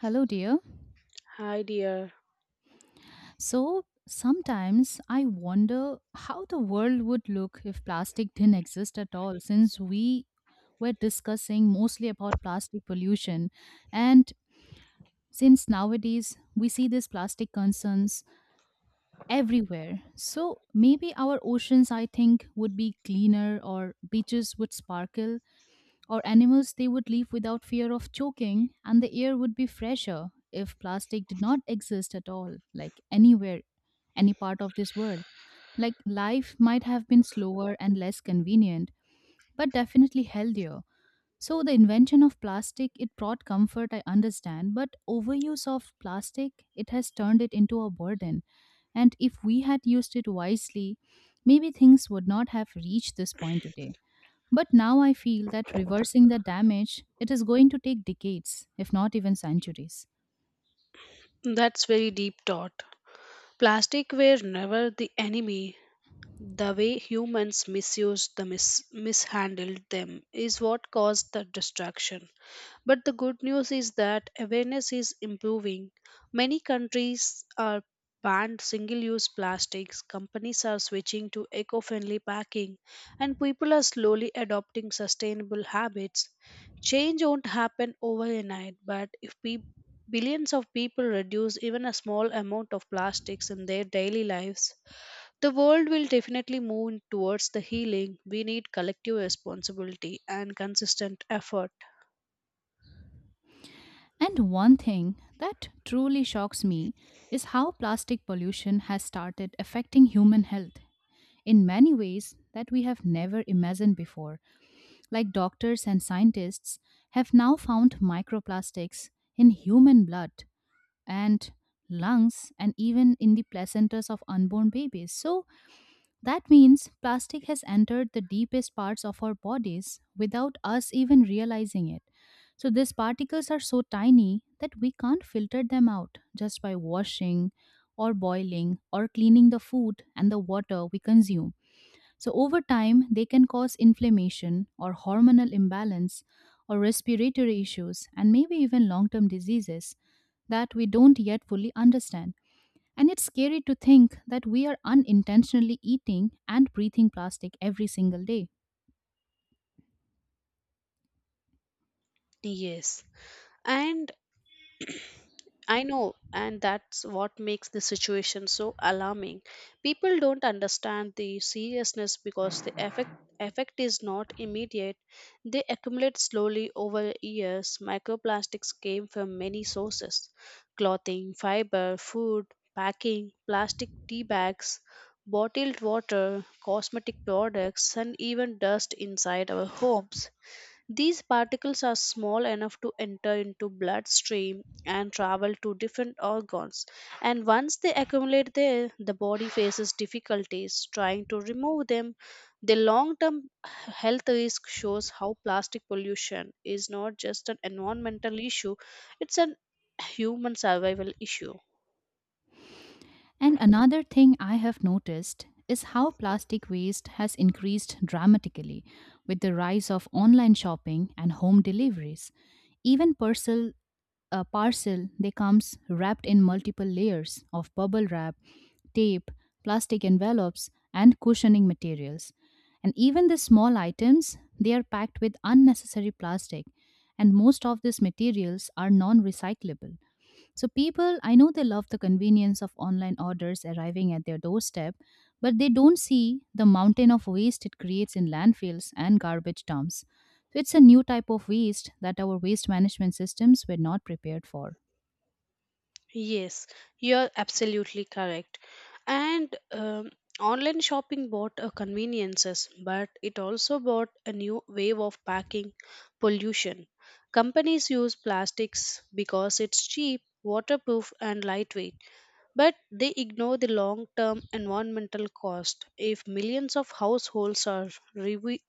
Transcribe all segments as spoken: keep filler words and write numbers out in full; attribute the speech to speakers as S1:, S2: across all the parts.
S1: Hello, dear.
S2: Hi, dear.
S1: So sometimes I wonder how the world would look if plastic didn't exist at all, since we were discussing mostly about plastic pollution. And since nowadays we see these plastic concerns everywhere. So maybe our oceans, I think, would be cleaner or beaches would sparkle or animals they would live without fear of choking and the air would be fresher if plastic did not exist at all like anywhere any part of this world like life might have been slower and less convenient but definitely healthier. So the invention of plastic it brought comfort, I understand, but overuse of plastic it has turned it into a burden. And if we had used it wisely, maybe things would not have reached this point today. But now I feel that reversing the damage, it is going to take decades, if not even centuries.
S2: That's very deep thought. Plastic were never the enemy. The way humans misused the mis- mishandled them is what caused the destruction. But the good news is that awareness is improving. Many countries are banned single use plastics, companies are switching to eco friendly packing, and people are slowly adopting sustainable habits. Change won't happen overnight, but if pe- billions of people reduce even a small amount of plastics in their daily lives, the world will definitely move in towards the healing. We need collective responsibility and consistent effort.
S1: And one thing that truly shocks me is how plastic pollution has started affecting human health in many ways that we have never imagined before. Like doctors and scientists have now found microplastics in human blood and lungs and even in the placentas of unborn babies. So That means plastic has entered the deepest parts of our bodies without us even realizing it. So these particles are so tiny that we can't filter them out just by washing or boiling or cleaning the food and the water we consume. So over time, they can cause inflammation or hormonal imbalance or respiratory issues and maybe even long term diseases that we don't yet fully understand. And it's scary to think that we are unintentionally eating and breathing plastic every single day.
S2: Yes. And I know, and that's what makes the situation so alarming. People don't understand the seriousness because the effect effect is not immediate. They accumulate slowly over years. Microplastics came from many sources: clothing, fiber, food, packing, plastic tea bags, bottled water, cosmetic products, and even dust inside our homes. These particles are small enough to enter into bloodstream and travel to different organs. And once they accumulate there, the body faces difficulties trying to remove them. The long-term health risk shows how plastic pollution is not just an environmental issue, it's an human survival issue.
S1: And another thing I have noticed is how plastic waste has increased dramatically with the rise of online shopping and home deliveries. Even parcel A parcel they comes wrapped in multiple layers of bubble wrap, tape, plastic envelopes and cushioning materials, and even the small items they are packed with unnecessary plastic, and most of these materials are non recyclable. So people, I know they love the convenience of online orders arriving at their doorstep, but they don't see the mountain of waste it creates in landfills and garbage dumps. So it's a new type of waste that our waste management systems were not prepared for.
S2: Yes, you're absolutely correct. And um, Online shopping bought a conveniences, but it also bought a new wave of packing pollution. Companies use plastics because it's cheap, waterproof, and lightweight, but they ignore the long term environmental cost. If millions of households are revi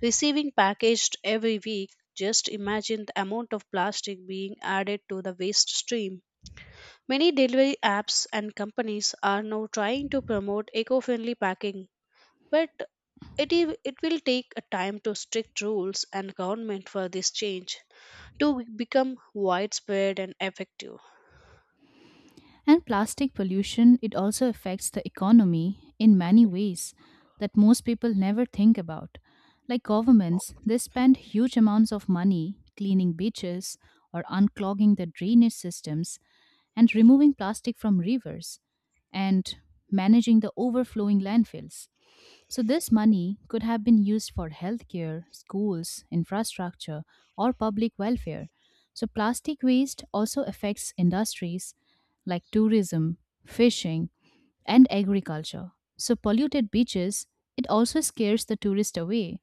S2: receiving packaged every week, just imagine the amount of plastic being added to the waste stream. Many delivery apps and companies are now trying to promote eco-friendly packing, but it, i- it will take a time to strict rules and government for this change to become widespread and effective.
S1: And plastic pollution, it also affects the economy in many ways that most people never think about. Like governments, they spend huge amounts of money cleaning beaches or unclogging the drainage systems and removing plastic from rivers and managing the overflowing landfills. So this money could have been used for healthcare, schools, infrastructure, or public welfare. So plastic waste also affects industries like tourism, fishing, and agriculture. So polluted beaches, it also scares the tourist away,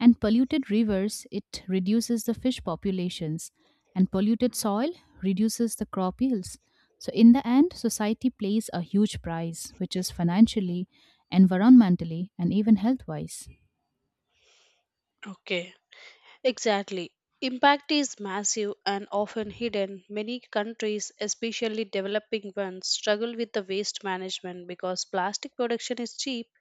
S1: and polluted rivers, it reduces the fish populations, and polluted soil reduces the crop yields. So in the end, society pays a huge price, which is financially, environmentally, and even health wise.
S2: Okay. Exactly. Impact is massive and often hidden. Many countries, especially developing ones, struggle with the waste management because plastic production is cheap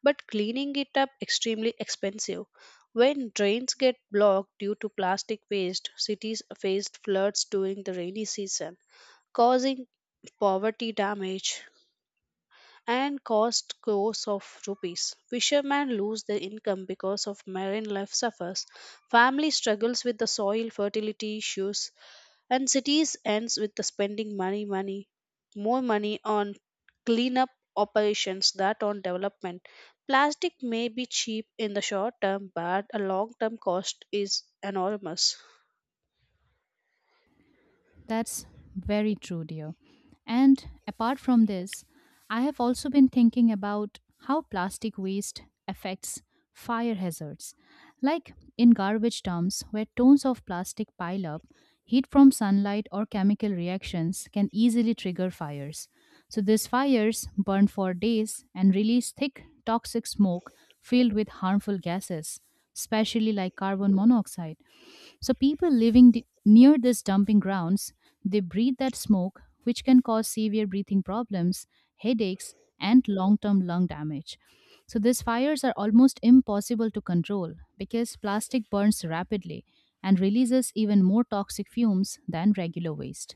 S2: but cleaning it up extremely expensive. When drains get blocked due to plastic waste, cities faced floods during the rainy season, causing poverty damage and cost crores of rupees. Fishermen lose their income because of marine life suffers. Family struggles with the soil fertility issues, and cities ends with the spending money, money, more money on cleanup operations that on development. Plastic may be cheap in the short term, but a long term cost is enormous.
S1: That's very true, dear. And apart from this, I have also been thinking about how plastic waste affects fire hazards. Like in garbage dumps, where tons of plastic pile up, heat from sunlight or chemical reactions can easily trigger fires. So these fires burn for days and release thick, toxic smoke filled with harmful gases, especially like carbon monoxide. So people living the, near these dumping grounds, they breathe that smoke, which can cause severe breathing problems, headaches, and long-term lung damage. So these fires are almost impossible to control because plastic burns rapidly and releases even more toxic fumes than regular waste.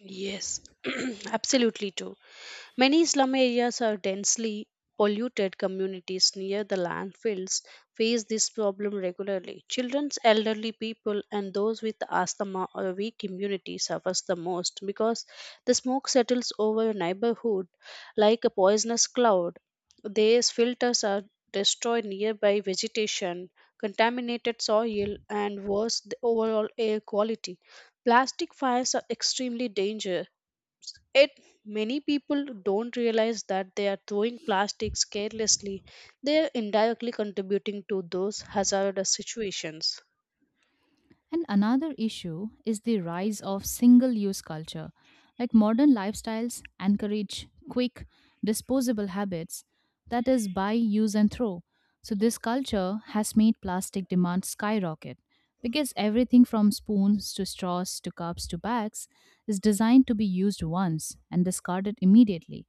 S2: Yes, absolutely too. Many slum areas are densely polluted communities near the landfills face this problem regularly. Children, elderly people and those with asthma or weak immunity suffers the most because the smoke settles over a neighborhood like a poisonous cloud. These filters are destroy nearby vegetation, contaminated soil and worse the overall air quality. Plastic fires are extremely dangerous. Yet many people don't realize that they are throwing plastics carelessly. They are indirectly contributing to those hazardous situations.
S1: And another issue is the rise of single use culture. Like modern lifestyles encourage quick, disposable habits, that is, buy, use, and throw. So this culture has made plastic demand skyrocket because everything from spoons to straws to cups to bags is designed to be used once and discarded immediately.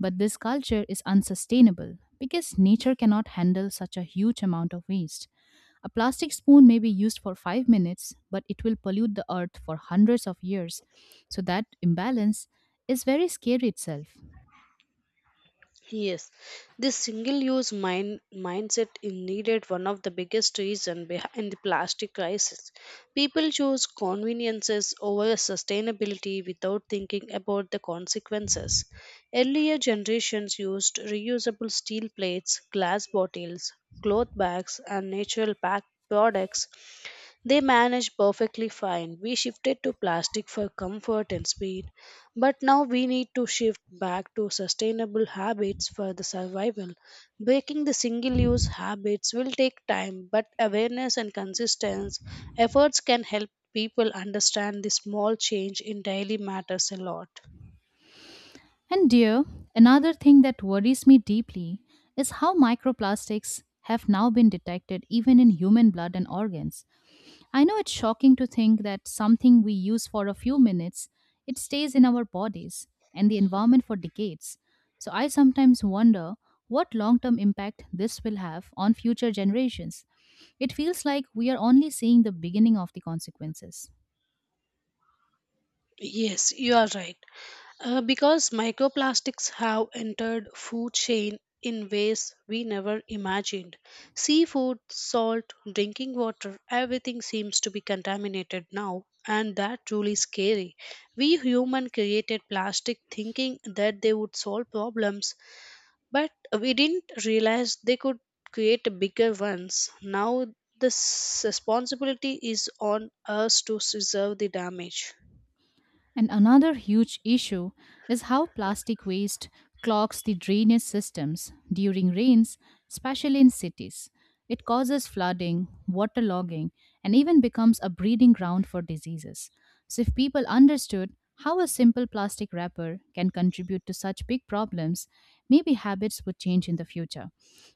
S1: But this culture is unsustainable because nature cannot handle such a huge amount of waste. A plastic spoon may be used for five minutes, but it will pollute the earth for hundreds of years. So that imbalance is very scary itself.
S2: Yes, this single-use mind mindset is needed one of the biggest reason behind the plastic crisis. People choose conveniences over sustainability without thinking about the consequences. Earlier generations used reusable steel plates, glass bottles, cloth bags, and natural pack products they managed perfectly fine. We shifted to plastic for comfort and speed, but now we need to shift back to sustainable habits for the survival. Breaking the single use habits will take time, but awareness and consistent efforts can help people understand the small change in daily matters a lot.
S1: And dear, another thing that worries me deeply is how microplastics have now been detected even in human blood and organs. I know it's shocking to think that something we use for a few minutes, it stays in our bodies and the environment for decades. So I sometimes wonder what long-term impact this will have on future generations. It feels like we are only seeing the beginning of the consequences.
S2: Yes, you are right. Uh, because microplastics have entered food chain in ways we never imagined. Seafood, salt, drinking water, everything seems to be contaminated now, and that truly scary. We human created plastic thinking that they would solve problems, but we didn't realize they could create bigger ones. Now this responsibility is on us to preserve the damage.
S1: And another huge issue is how plastic waste clogs the drainage systems during rains, especially in cities. It causes flooding, waterlogging, and even becomes a breeding ground for diseases. So if people understood how a simple plastic wrapper can contribute to such big problems, maybe habits would change in the future.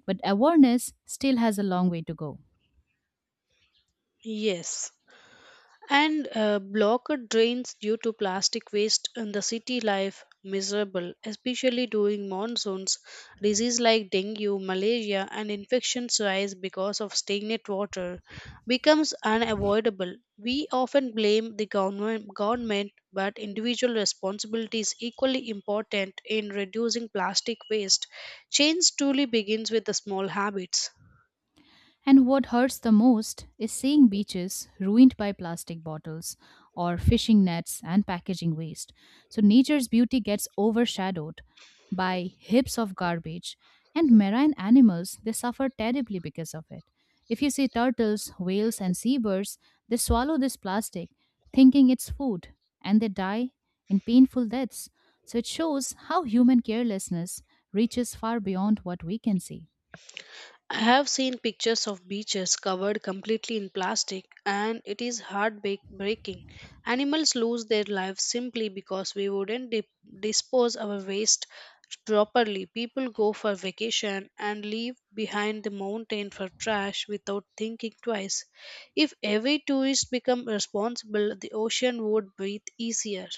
S1: But awareness still has a long way to go.
S2: Yes, and uh, blocked drains due to plastic waste in the city life miserable, especially during monsoons. Disease like dengue, malaria, and infections rise because of stagnant water, becomes unavoidable. We often blame the government, government, but individual responsibility is equally important in reducing plastic waste. Change truly begins with the small habits.
S1: And what hurts the most is seeing beaches ruined by plastic bottles or fishing nets and packaging waste. So nature's beauty gets overshadowed by heaps of garbage, and marine animals they suffer terribly because of it. If you see turtles, whales, and seabirds, they swallow this plastic thinking it's food and they die in painful deaths. So it shows how human carelessness reaches far beyond what we can see.
S2: I have seen pictures of beaches covered completely in plastic, and it is heartbreaking. Animals lose their lives simply because we wouldn't dip- dispose our waste properly. People go for vacation and leave behind the mountain for trash without thinking twice. If every tourist became responsible, the ocean would breathe easier.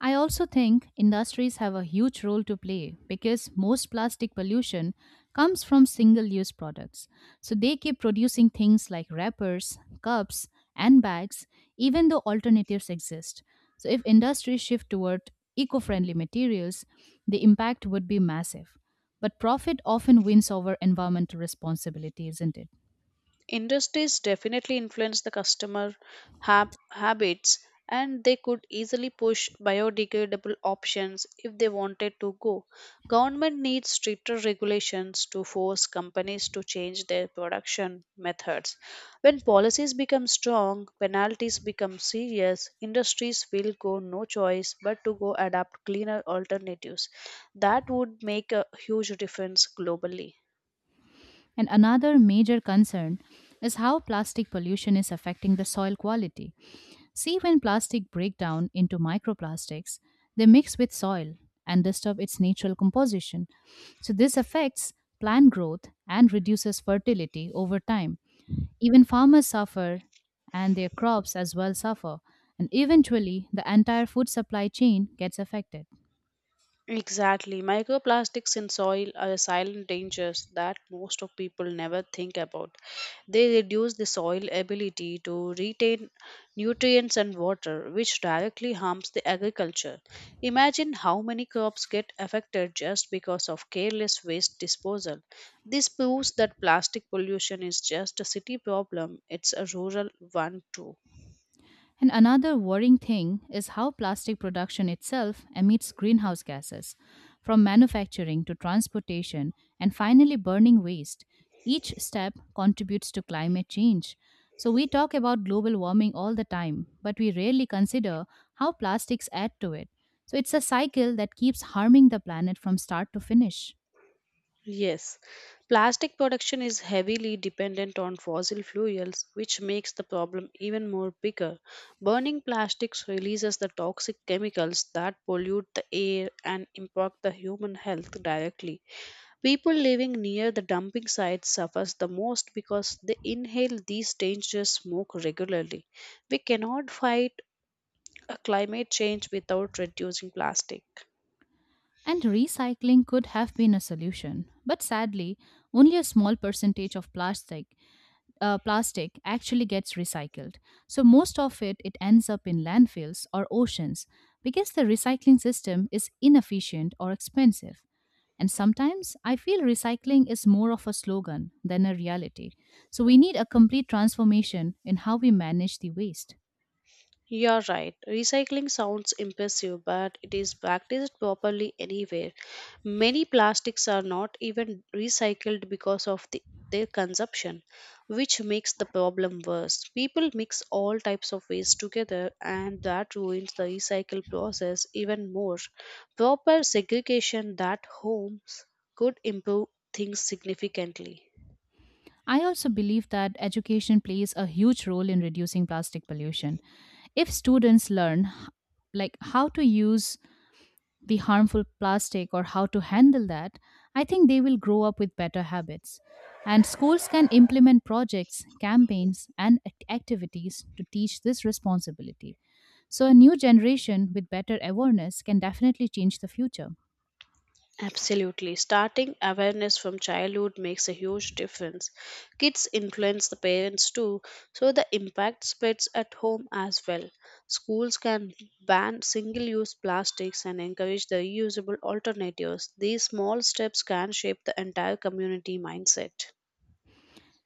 S1: I also think industries have a huge role to play because most plastic pollution comes from single use products. So they keep producing things like wrappers, cups, and bags, even though alternatives exist. So if industries shift toward eco friendly materials, the impact would be massive. But profit often wins over environmental responsibility, isn't it?
S2: Industries definitely influence the customer hab- habits and they could easily push biodegradable options if they wanted to go. Government needs stricter regulations to force companies to change their production methods. When policies become strong, penalties become serious, industries will go no choice but to go adapt cleaner alternatives. That would make a huge difference globally.
S1: And another major concern is how plastic pollution is affecting the soil quality. See, when plastic break down into microplastics, they mix with soil and disturb its natural composition. So this affects plant growth and reduces fertility over time. Even farmers suffer, and their crops as well suffer. And eventually, the entire food supply chain gets affected.
S2: Exactly. Microplastics in soil are silent dangers that most of people never think about. They reduce the soil ability to retain nutrients and water, which directly harms the agriculture. Imagine how many crops get affected just because of careless waste disposal. This proves that plastic pollution is just a city problem, it's a rural one too.
S1: And another worrying thing is how plastic production itself emits greenhouse gases. From manufacturing to transportation and finally burning waste, each step contributes to climate change. So we talk about global warming all the time, but we rarely consider how plastics add to it. So it's a cycle that keeps harming the planet from start to finish.
S2: Yes, plastic production is heavily dependent on fossil fuels, which makes the problem even more bigger. Burning plastics releases the toxic chemicals that pollute the air and impact the human health directly. People living near the dumping sites suffers the most because they inhale these dangerous smoke regularly. We cannot fight uh, climate change without reducing plastic.
S1: And recycling could have been a solution, but sadly, only a small percentage of plastic uh, plastic actually gets recycled. So most of it it ends up in landfills or oceans because the recycling system is inefficient or expensive. And sometimes I feel recycling is more of a slogan than a reality. So we need a complete transformation in how we manage the waste.
S2: You're right. Recycling sounds impressive, but it is practiced properly anywhere. Many plastics are not even recycled because of the, their consumption, which makes the problem worse. People mix all types of waste together, and that ruins the recycle process even more. Proper segregation that homes could improve things significantly.
S1: I also believe that education plays a huge role in reducing plastic pollution. If students learn h- like how to use the harmful plastic or how to handle that, I think they will grow up with better habits. And schools can implement projects, campaigns, and act- activities to teach this responsibility. So a new generation with better awareness can definitely change the future.
S2: Absolutely. Starting awareness from childhood makes a huge difference. Kids influence the parents too, so the impact spreads at home as well. Schools can ban single use plastics and encourage the reusable alternatives. These small steps can shape the entire community mindset.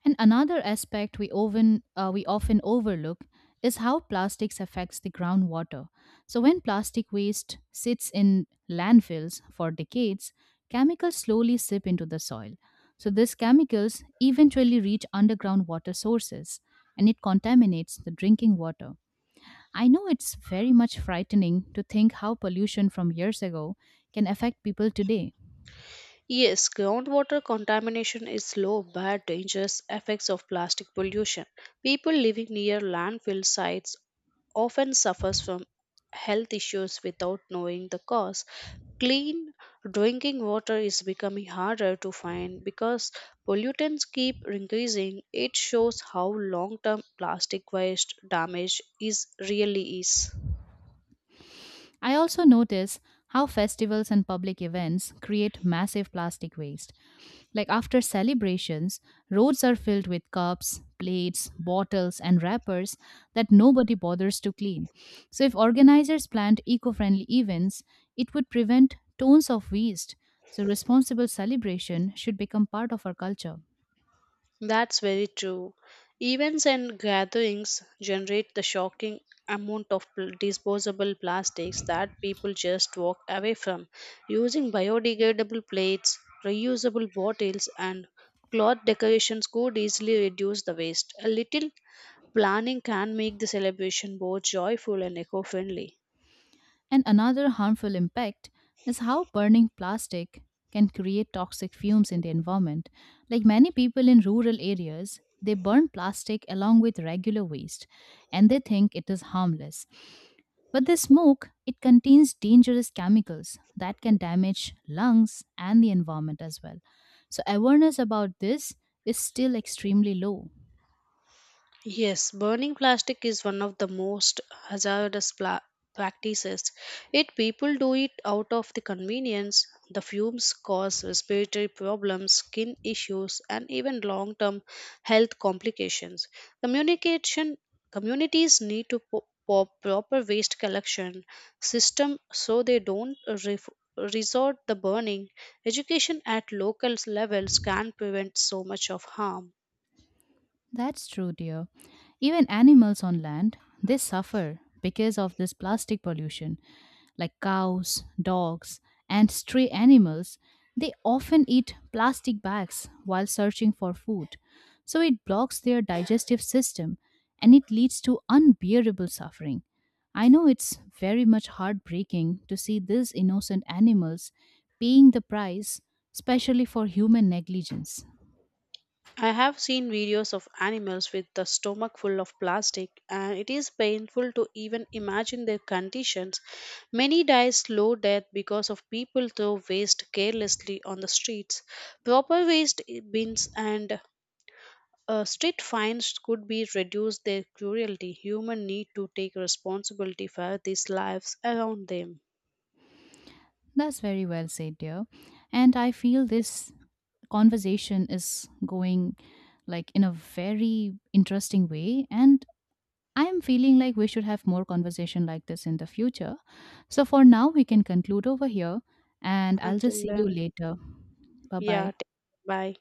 S1: And another aspect we often, uh, we often overlook is how plastics affects the groundwater. So when plastic waste sits in landfills for decades, chemicals slowly sip into the soil. So these chemicals eventually reach underground water sources and it contaminates the drinking water. I know it's very much frightening to think how pollution from years ago can affect people today.
S2: Yes, groundwater contamination is slow, but dangerous effects of plastic pollution. People living near landfill sites often suffers from health issues without knowing the cause. Clean drinking water is becoming harder to find because pollutants keep increasing. It shows how long-term plastic waste damage is really is.
S1: I also notice how festivals and public events create massive plastic waste. Like after celebrations, roads are filled with cups, plates, bottles, and wrappers that nobody bothers to clean. So if organizers planned eco friendly events, it would prevent tons of waste. So responsible celebration should become part of our culture.
S2: That's very true. Events and gatherings generate the shocking amount of pl- disposable plastics that people just walk away from. Using biodegradable plates, reusable bottles, and cloth decorations could easily reduce the waste. A little planning can make the celebration both joyful and eco friendly.
S1: And another harmful impact is how burning plastic can create toxic fumes in the environment. Like many people in rural areas, they burn plastic along with regular waste and they think it is harmless. But the smoke, it contains dangerous chemicals that can damage lungs and the environment as well. So awareness about this is still extremely low.
S2: Yes, burning plastic is one of the most hazardous pla- practices. Yet people do it out of the convenience. The fumes cause respiratory problems, skin issues, and even long-term health complications. Communication communities need to po- po- proper waste collection system so they don't ref- resort the burning. Education at local levels can prevent so much of harm.
S1: That's true, dear. Even animals on land, they suffer because of this plastic pollution like cows, dogs, and stray animals, they often eat plastic bags while searching for food. So it blocks their digestive system and it leads to unbearable suffering. I know it's very much heartbreaking to see these innocent animals paying the price, especially for human negligence.
S2: I have seen videos of animals with the stomach full of plastic, and it is painful to even imagine their conditions. Many die slow death because of people throw waste carelessly on the streets. Proper waste i- bins and uh, street fines could be reduced their cruelty. Human need to take responsibility for these lives around them.
S1: That's very well said, dear. And I feel this conversation is going like in a very interesting way and I am feeling like we should have more conversation like this in the future. So for now, we can conclude over here and I'll just
S2: Until
S1: see you
S2: then,
S1: later. Bye
S2: yeah,
S1: bye.
S2: take- bye.